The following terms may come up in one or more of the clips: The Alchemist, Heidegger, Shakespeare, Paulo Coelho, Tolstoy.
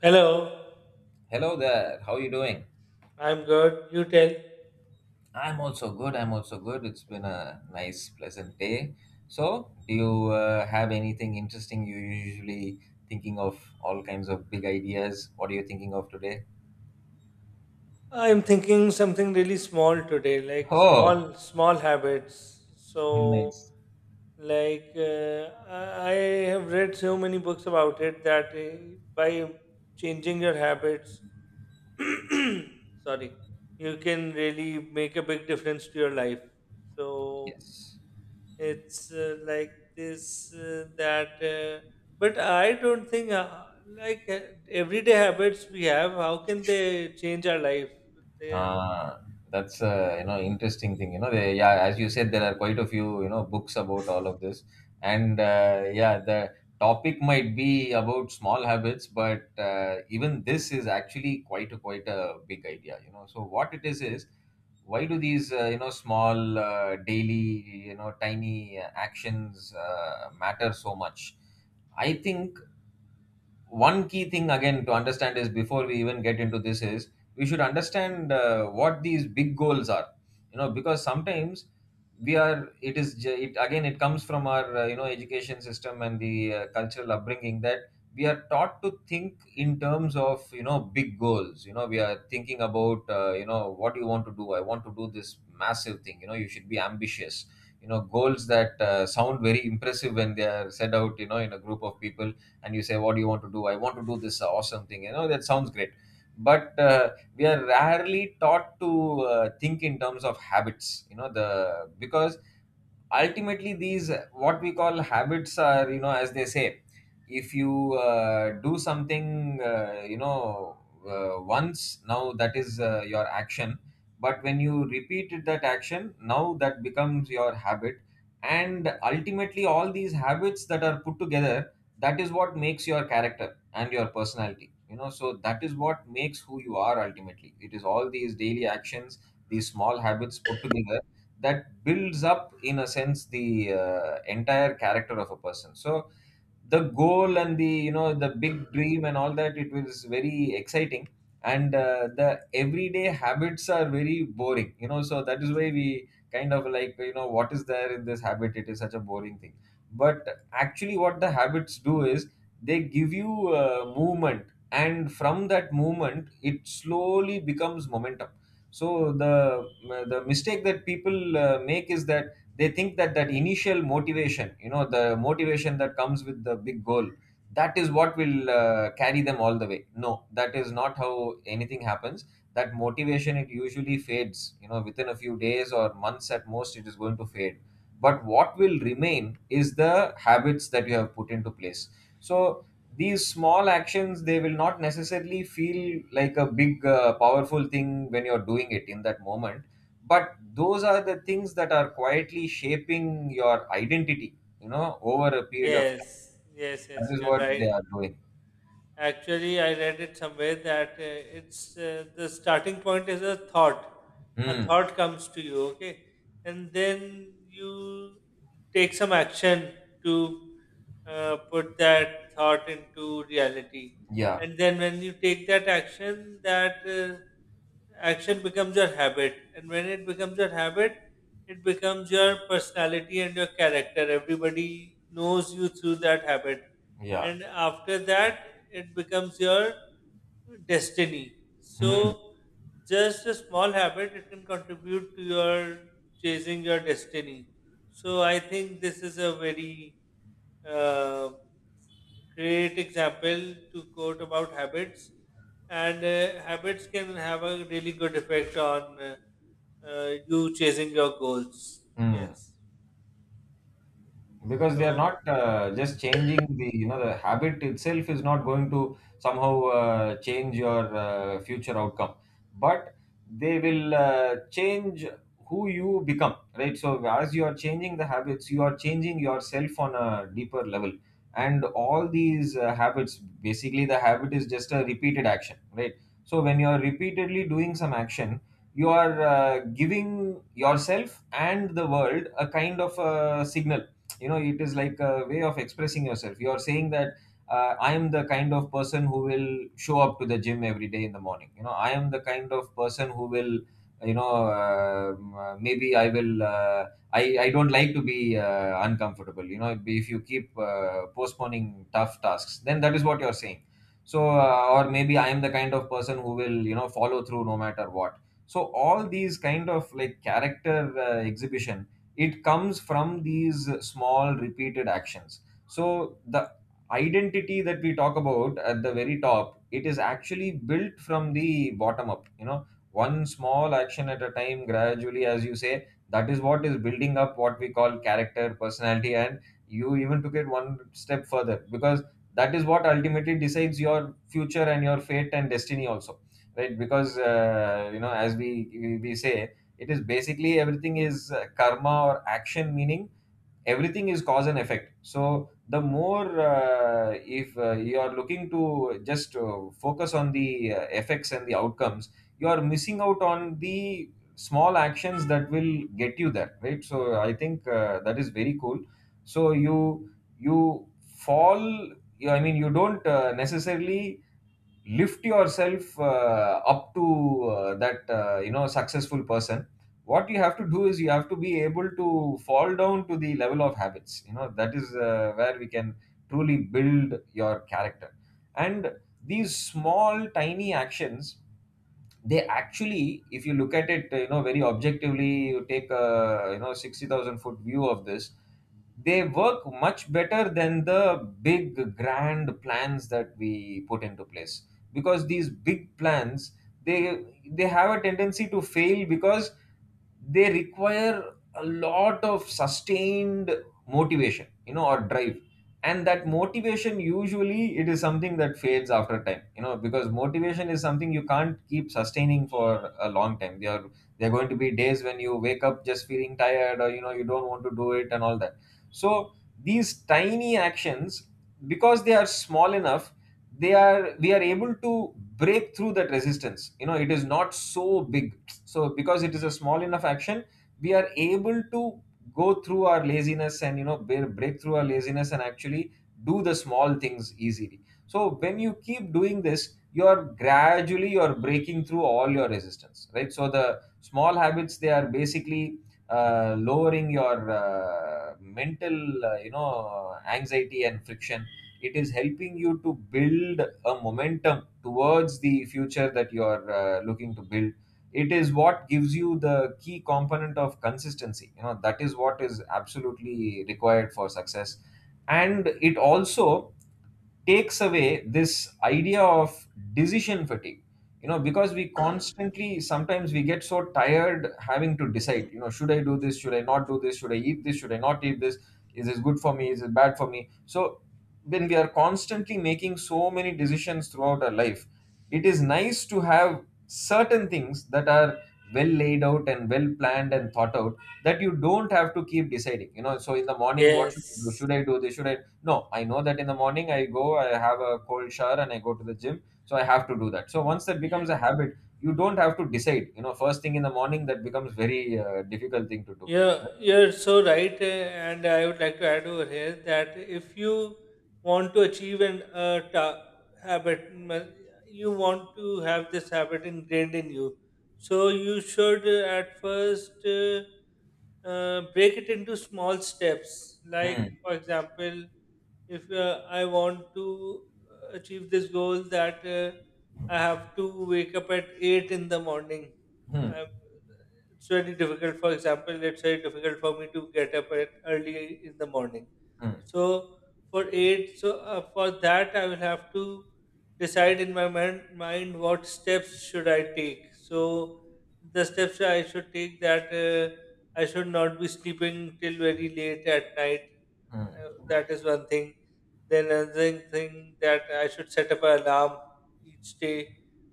Hello. Hello there. How are you doing? I'm good. You tell. I'm also good. I'm also good. It's been a nice, pleasant day. So, do you have anything interesting? You usually thinking of all kinds of big ideas. What are you thinking of today? I'm thinking something really small today, like Oh, small, small habits. So, nice. like, I have read so many books about it that by changing your habits, sorry, you can really make a big difference to your life. So, Yes. it's like this that but I don't think like uh, everyday habits we have, how can they change our life? They are, Ah, that's interesting thing. Yeah, as you said, there are quite a few books about all of this, and yeah, the topic might be about small habits, but even this is actually quite a big idea. So what it is, why do these small daily tiny actions matter so much? I think one key thing again to understand, is before we even get into this, is we should understand what these big goals are, you know because sometimes we are it is j- it again it comes from our education system and the cultural upbringing, that we are taught to think in terms of big goals. We are thinking about, what do you want to do? I want to do this massive thing. You should be ambitious, goals that sound very impressive when they are set out, in a group of people. And you say, what do you want to do? I want to do this awesome thing. That sounds great. But we are rarely taught to think in terms of habits, the because ultimately these what we call habits are, as they say, if you do something once, now that is your action. But when you repeated that action, now that becomes your habit. And ultimately all these habits that are put together, that is what makes your character and your personality. So that is what makes who you are. Ultimately it is all these daily actions, these small habits put together, that builds up in a sense the entire character of a person. So the goal and the, the big dream and all that, it was very exciting, and the everyday habits are very boring. So that is why we kind of like, what is there in this habit? It is such a boring thing. But actually what the habits do is, they give you movement, and from that movement it slowly becomes momentum. So the mistake that people make is that, they think that that initial motivation, the motivation that comes with the big goal, that is what will carry them all the way. No, that is not how anything happens. That motivation, it usually fades, within a few days or months at most, it is going to fade. But what will remain is the habits that you have put into place. So these small actions, they will not necessarily feel like a big powerful thing when you're doing it in that moment, but those are the things that are quietly shaping your identity, over a period of time. yes, yes, That yes, is you're what right. they are doing. Actually, I read it somewhere that it's the starting point is a thought. A Hmm. thought comes to you, okay, and then you take some action to put that thought into reality. Yeah, And then when you take that action becomes your habit, and when it becomes your habit, it becomes your personality and your character. Everybody knows you through that habit, yeah. and after that, it becomes your destiny. So Hmm. just a small habit, it can contribute to your chasing your destiny. So I think this is a very uh, great example to quote about habits, and habits can have a really good effect on you chasing your goals. Hmm. Yes. Because they are So. not just changing the, the habit itself is not going to somehow change your future outcome, but they will change who you become, right? So as you are changing the habits, you are changing yourself on a deeper level. And all these habits, basically the habit is just a repeated action, right? So when you are repeatedly doing some action, you are giving yourself and the world a kind of a signal. It is like a way of expressing yourself. You are saying that, I am the kind of person who will show up to the gym every day in the morning. I am the kind of person who will, maybe I will I don't like to be uncomfortable. If you keep postponing tough tasks, then that is what you are saying. So or maybe I am the kind of person who will, follow through no matter what. So all these kind of like character exhibition, it comes from these small repeated actions. So the identity that we talk about at the very top, it is actually built from the bottom up, one small action at a time, gradually, as you say. That is what is building up what we call character, personality, and you even took it one step further, because that is what ultimately decides your future and your fate and destiny also, right? Because as we, we say, it is basically everything is karma, or action, meaning everything is cause and effect. So the more if you are looking to just focus on the effects and the outcomes, you are missing out on the small actions that will get you there, right? So I think that is very cool. So you fall, you, I mean you don't necessarily lift yourself up to that successful person. What you have to do is, you have to be able to fall down to the level of habits. That is where we can truly build your character. And these small tiny actions, they actually, if you look at it you know very objectively, you take a, 60,000 foot view of this, they work much better than the big grand plans that we put into place. Because these big plans, they have a tendency to fail, because they require a lot of sustained motivation, or drive, and that motivation, usually it is something that fades after time, because motivation is something you can't keep sustaining for a long time. There are, there are going to be days when you wake up just feeling tired, or you don't want to do it and all that. So these tiny actions, because they are small enough, they are, we are able to break through that resistance. It is not so big. So because it is a small enough action, we are able to go through our laziness and, break through our laziness and actually do the small things easily. So when you keep doing this, you're gradually, you're breaking through all your resistance, right? So the small habits, they are basically lowering your mental anxiety and friction. It is helping you to build a momentum towards the future that you are looking to build. It is what gives you the key component of consistency. That is what is absolutely required for success. And it also takes away this idea of decision fatigue, because we constantly, sometimes we get so tired having to decide, should I do this, should I not do this, should I eat this, should I not eat this, is this good for me, is it bad for me. So when we are constantly making so many decisions throughout our life, it is nice to have certain things that are well laid out and well planned and thought out, that you don't have to keep deciding. So in the morning, what Yes. should I do, should I do this, should I, no, I know that in the morning I go, I have a cold shower and I go to the gym, so I have to do that. So once that becomes a Yes. habit, you don't have to decide, first thing in the morning that becomes very difficult thing to do. Yeah, you're so right, eh, and I would like to add over here that if you want to achieve an habit, you want to have this habit ingrained in you. So you should at first break it into small steps. Hmm. Like, for example, if I want to achieve this goal that I have to wake up at 8 in the morning. Hmm. I it's very difficult. For example, it's very difficult for me to get up at early in the morning. Hmm. So for that I will have to decide in my mind what steps should I take. So the steps I should take, that I should not be sleeping till very late at night. Hmm. That is one thing. Then another thing, that I should set up an alarm each day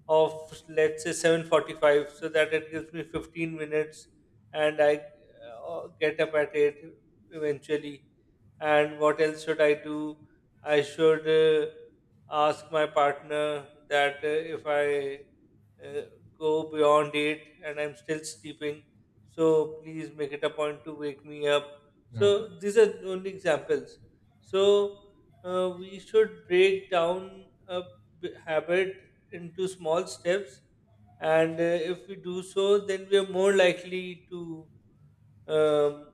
of, let's say, 7:45, so that it gives me 15 minutes and I get up at 8 eventually. And what else should I do? I should ask my partner that if I uh, go beyond 8 and I'm still sleeping, so please make it a point to wake me up. So Hmm. these are only examples. So we should break down a habit into small steps, and if we do so, then we are more likely to um,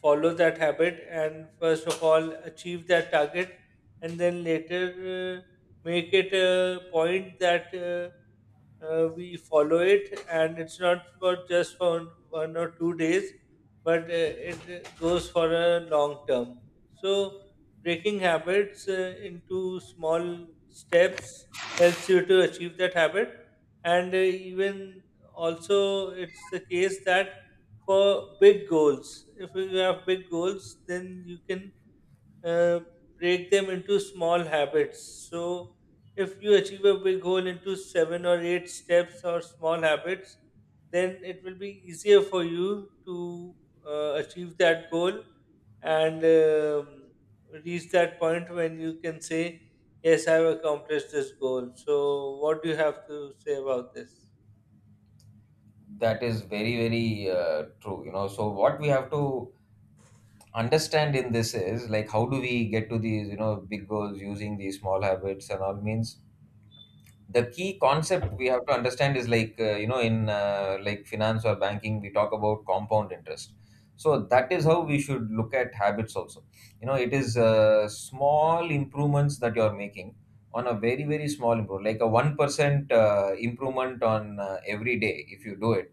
follow that habit and first of all achieve that target. And then later, uh, make it a point that we follow it, and it's not for just for 1 or 2 days, but it goes for a long term. So breaking habits into small steps helps you to achieve that habit. And even, also it's the case that for big goals. If you have big goals, then you can uh, break them into small habits. So if you achieve a big goal into seven or eight steps or small habits, then it will be easier for you to achieve that goal and reach that point when you can say, Yes, I've accomplished this goal. So what do you have to say about this? That is very, very true. So what we have to understand in this is, like, how do we get to these big goals using these small habits and all means, the key concept we have to understand is like in like finance or banking, we talk about compound interest. So that is how we should look at habits also. It is small improvements that you are making, on a very very small improvement, like a 1% improvement on every day. If you do it,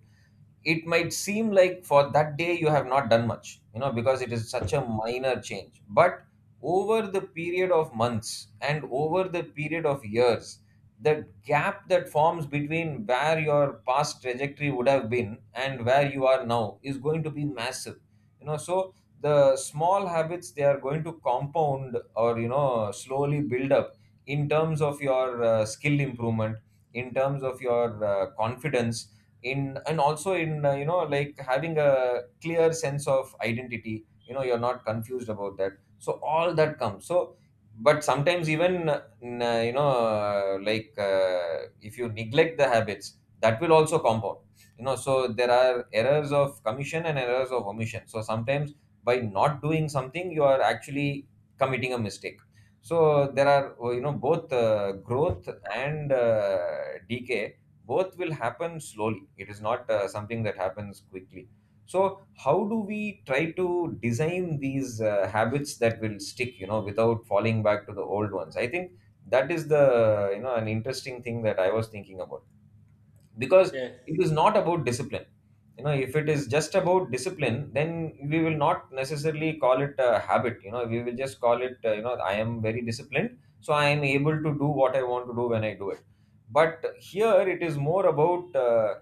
it might seem like for that day you have not done much because it is such a minor change. But over the period of months and over the period of years, the gap that forms between where your past trajectory would have been and where you are now is going to be massive. So the small habits, they are going to compound or slowly build up, in terms of your skill improvement, in terms of your confidence in, and also in like having a clear sense of identity. You're not confused about that. So all that comes. So but sometimes, even like if you neglect the habits, that will also compound. So there are errors of commission and errors of omission. So sometimes, by not doing something, you are actually committing a mistake. So there are both growth and decay. Birth will happen slowly, it is not something that happens quickly. So, how do we try to design these habits that will stick without falling back to the old ones? I think that is the you know an interesting thing that I was thinking about. Because it Yes. is not about discipline. If it is just about discipline, then we will not necessarily call it a habit. We will just call it, I am very disciplined, so I am able to do what I want to do when I do it. But here, it is more about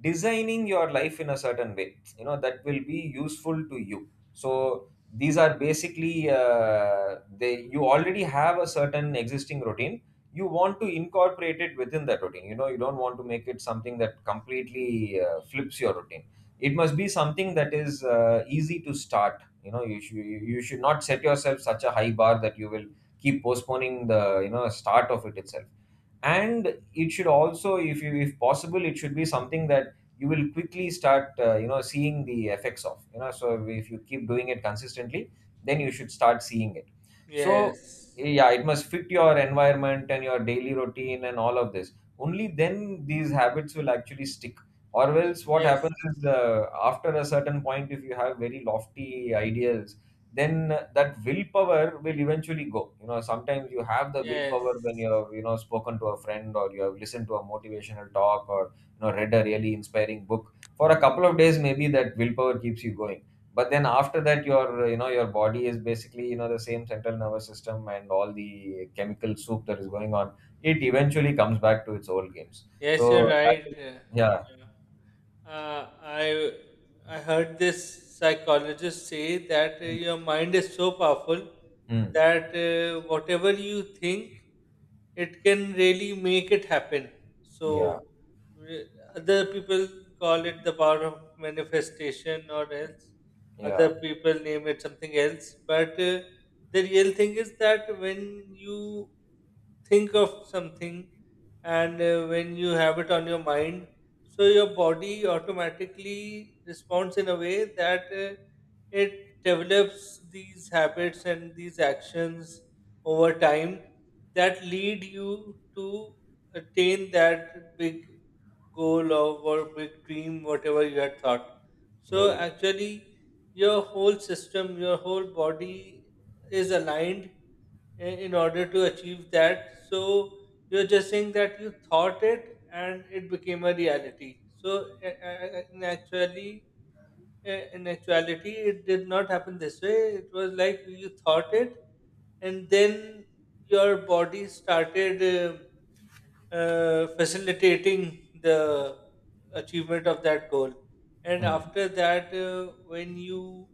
designing your life in a certain way that will be useful to you. So these are basically they you already have a certain existing routine. You want to incorporate it within that routine. You don't want to make it something that completely flips your routine. It must be something that is easy to start. You should, you should not set yourself such a high bar that you will keep postponing the start of it itself. And it should also, if possible, it should be something that you will quickly start seeing the effects of, so if you keep doing it consistently, then you should start seeing it. So, Yes. yeah, it must fit your environment and your daily routine and all of this. Only then these habits will actually stick. Or else what Yes. happens is, after a certain point, if you have very lofty ideals, then that willpower will eventually go. Sometimes you have the Yes. willpower when you have spoken to a friend, or you have listened to a motivational talk, or read a really inspiring book for a couple of days, maybe that willpower keeps you going. But then after that, your body is basically the same central nervous system and all the chemical soup that is going on, it eventually comes back to its old games. Yes, you're So that right. is, yeah. Yeah. Uh, I I heard this psychologist say that your mind is so powerful Mm. that whatever you think, it can really make it happen. Mm, yeah. So re- other people call it the power of manifestation, or else other Yeah, people name it something else. But the real thing is that when you think of something, and when you have it on your mind, so your body automatically responds in a way that it develops these habits and these actions over time that lead you to attain that big goal of, or big dream, whatever you had thought. So very true. actually, your whole system, your whole body is aligned, in order to achieve that. So you're just saying that you thought it and it became a reality. So in actually, in actuality, it did not happen this way. It was like you thought it, and then your body started facilitating the achievement of that goal. And Mm. after that, when you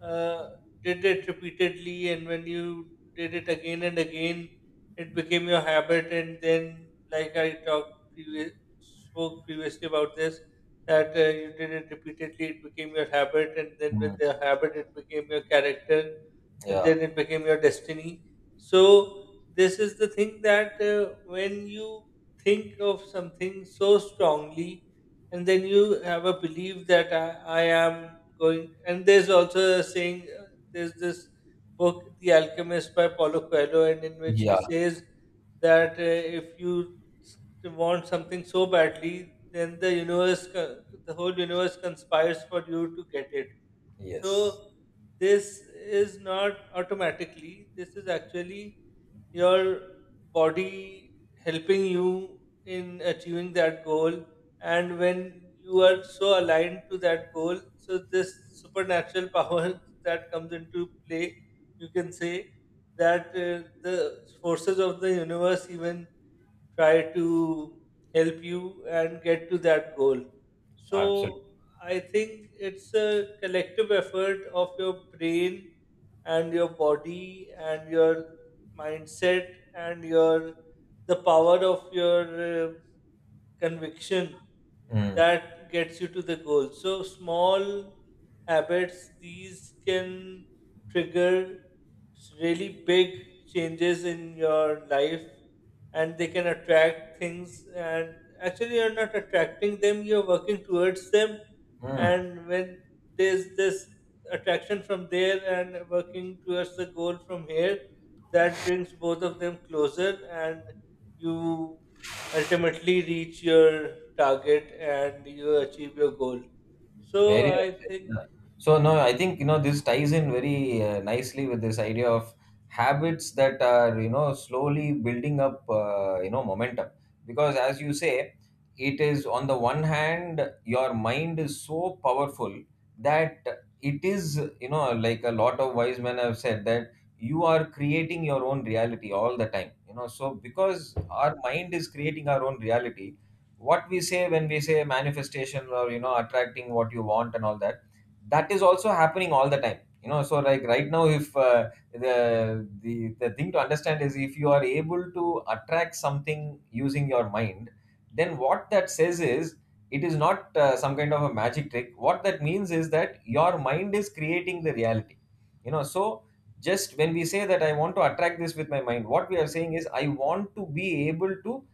uh, did it repeatedly, and when you did it again and again, it became your habit. And then, like spoke previously about this, that you did it repeatedly, it became your habit. And then with Mm. the habit, it became your character, and Yeah, then it became your destiny. So this is the thing, that when you think of something so strongly, and then you have a belief that I am going. And there's also a saying. There's this book, The Alchemist by Paulo Coelho, and in which he yeah. says that if you want something so badly, then the whole universe conspires for you to get it. Yes, So this is not automatically, this is actually your body helping you in achieving that goal. And when you are so aligned to that goal, so this supernatural power that comes into play, you can say that the forces of the universe even try to help you and get to that goal. absolutely. So I think it's a collective effort of your brain and your body and your mindset and your the power of your conviction Mm, that gets you to the goal. So small habits, these can trigger really big changes in your life. And they can attract things, and actually you're not attracting them, you're working towards them. mm, And when there's this attraction from there and working towards the goal from here, that brings both of them closer, and you ultimately reach your target and you achieve your goal. So very well I said. think. Yeah. So no, I think this ties in very nicely with this idea of habits that are slowly building up momentum. Because as you say, it is, on the one hand, your mind is so powerful that it is like a lot of wise men have said that you are creating your own reality all the time. So because our mind is creating our own reality, what we say when we say manifestation or attracting what you want and all that, that is also happening all the time. So like right now, if the thing to understand is, if you are able to attract something using your mind, then what that says is, it is not some kind of a magic trick. What that means is that your mind is creating the reality. So just when we say that I want to attract this with my mind, what we are saying is, I want to be able to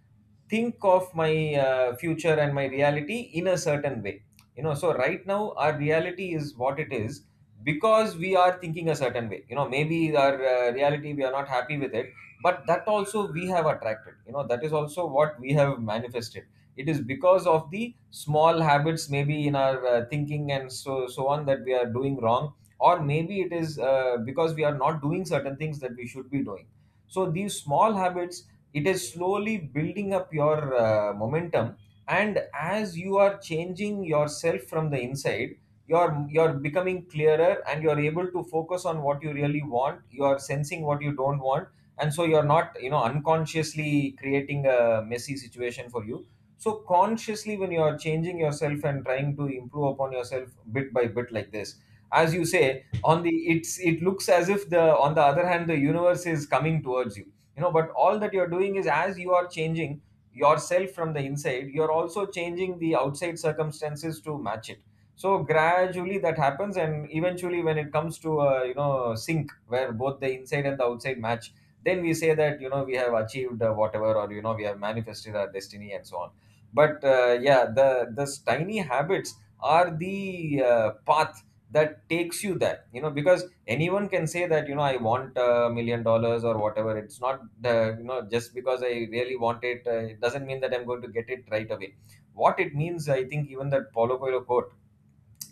think of my future and my reality in a certain way. So right now our reality is what it is, because we are thinking a certain way, maybe our reality, we are not happy with it. But that also we have attracted. That is also what we have manifested. It is because of the small habits, maybe in our thinking and so on, that we are doing wrong. Or maybe it is because we are not doing certain things that we should be doing. So these small habits, it is slowly building up your momentum. And as you are changing yourself from the inside, you're becoming clearer, and you're able to focus on what you really want, you're sensing what you don't want. And so you're not unconsciously creating a messy situation for you. So consciously, when you are changing yourself and trying to improve upon yourself bit by bit like this, as you say, on the it's it looks as if, the on the other hand, the universe is coming towards you. You know but all that you're doing is, as you are changing yourself from the inside, you're also changing the outside circumstances to match it. So gradually that happens, and eventually when it comes to a sync where both the inside and the outside match, then we say that we have achieved whatever, or we have manifested our destiny and so on. But yeah, the this tiny habits are the path that takes you there. Because anyone can say that I want $1 million or whatever. It's not the you know just because I really want it, it doesn't mean that I'm going to get it right away. What it means, I think, even that Paulo Coelho quote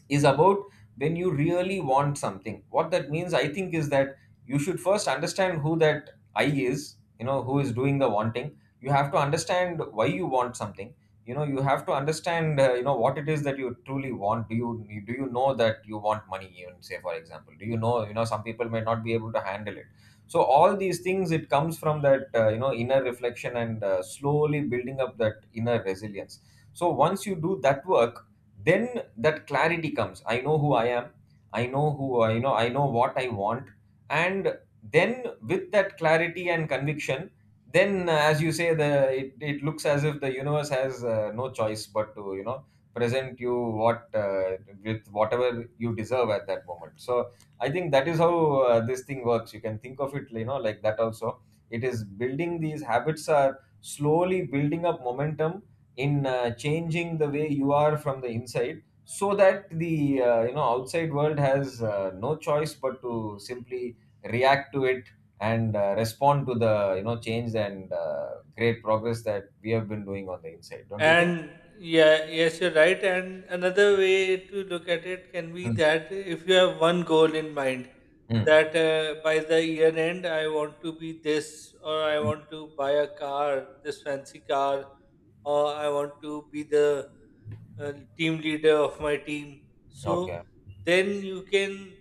is about, when you really want something. What that means, I think, is that you should first understand who that I is, who is doing the wanting. You have to understand why you want something. You have to understand, what it is that you truly want. Do you know that you want money? Even say, for example, do you know, some people may not be able to handle it. So all these things, it comes from that, inner reflection and slowly building up that inner resilience. So once you do that work, then that clarity comes. I know who I am. I know what I want. And then with that clarity and conviction, then as you say, it looks as if the universe has no choice but to present you what with whatever you deserve at that moment. So I think that is how this thing works. You can think of it like that also. It is building these habits are slowly building up momentum, in changing the way you are from the inside, so that the outside world has no choice but to simply react to it, and respond to the change and great progress that we have been doing on the inside. Don't you think? And yeah, yes, you're right. And another way to look at it can be Mm, that if you have one goal in mind, mm, that by the year end, I want to be this, or I want mm. to buy a car, this fancy car, or I want to be the team leader of my team. So Okay. then you can,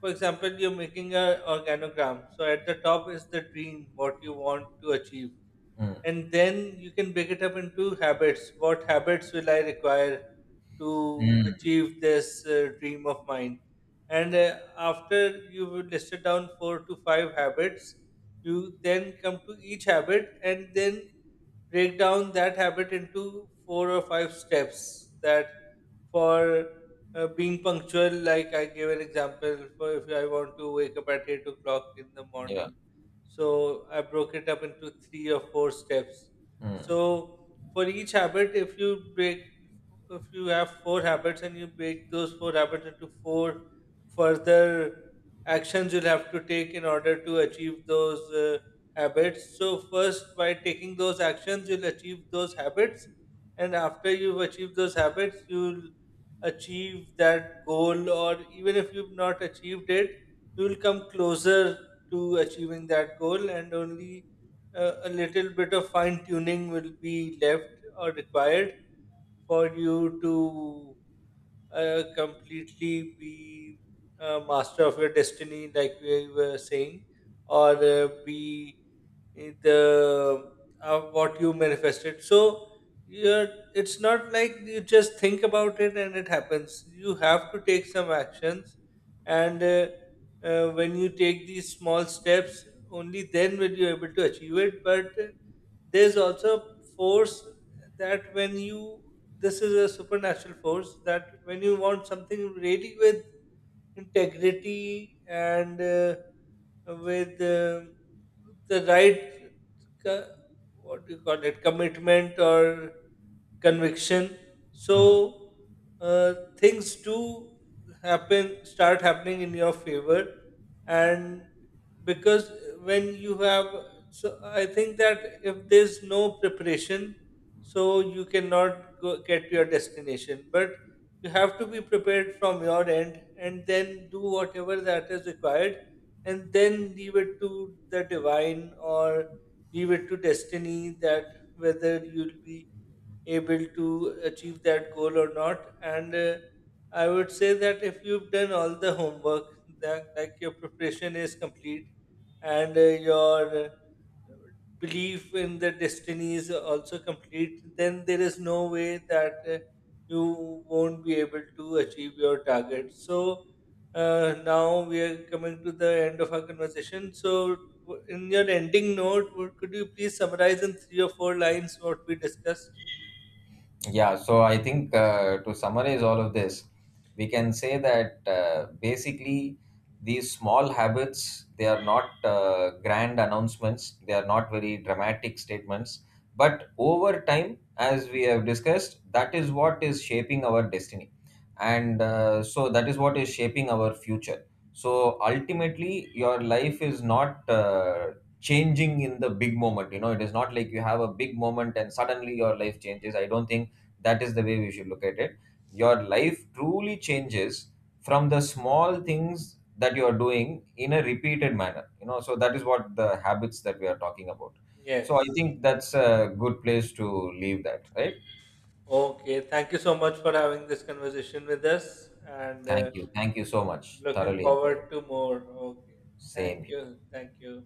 for example, you're making a organogram. So at the top is the dream, what you want to achieve, Mm, and then you can break it up into habits. What habits will I require to mm, achieve this dream of mine? And after you've listed down four to five habits, you then come to each habit and then break down that habit into four or five steps. That, for being punctual, like I gave an example, for if I want to wake up at 8 o'clock in the yeah. morning, so I broke it up into three or four steps. Mm, So for each habit, if you have four habits and you break those four habits into four further actions you'll have to take in order to achieve those habits. So, first, by taking those actions, you'll achieve those habits. And after you've achieved those habits, you'll achieve that goal, or even if you've not achieved it, you'll come closer to achieving that goal. And only a little bit of fine tuning will be left or required for you to completely be a master of your destiny, like we were saying, or be it, uh, what you manifested. So you're, it's not like you just think about it and it happens. You have to take some actions, and when you take these small steps, only then will you able to achieve it. But there's also force that when you this is a supernatural force, that when you want something really with integrity and with the right co- what do you call it, commitment or conviction. mm. So uh, things do happen start happening in your favor. And because when you have, so I think that if there's no preparation, so you cannot get to your destination. But you have to be prepared from your end and then do whatever that is required, and then leave it to the divine or leave it to destiny, that whether you'll be able to achieve that goal or not. And I would say that if you've done all the homework, that like your preparation is complete, and your belief in the destiny is also complete, then there is no way that you won't be able to achieve your target. So now we are coming to the end of our conversation. So in your ending note, could you please summarize in three or four lines what we discussed? Yeah, so I think to summarize all of this, we can say that basically, these small habits, they are not grand announcements, they are not very dramatic statements, but over time, as we have discussed, that is what is shaping our destiny. And so that is what is shaping our future. So ultimately, your life is not changing in the big moment. It is not like you have a big moment and suddenly your life changes. I don't think that is the way we should look at it. Your life truly changes from the small things that you are doing in a repeated manner. So that is what the habits that we are talking about. So I Yes. think that's a good place to leave that, right? Okay. Thank you so much for having this conversation with us, and Thank you. Thank you so much. looking Thoroughly enjoyed it. forward to more. Okay. Thank Same here. you. Thank you.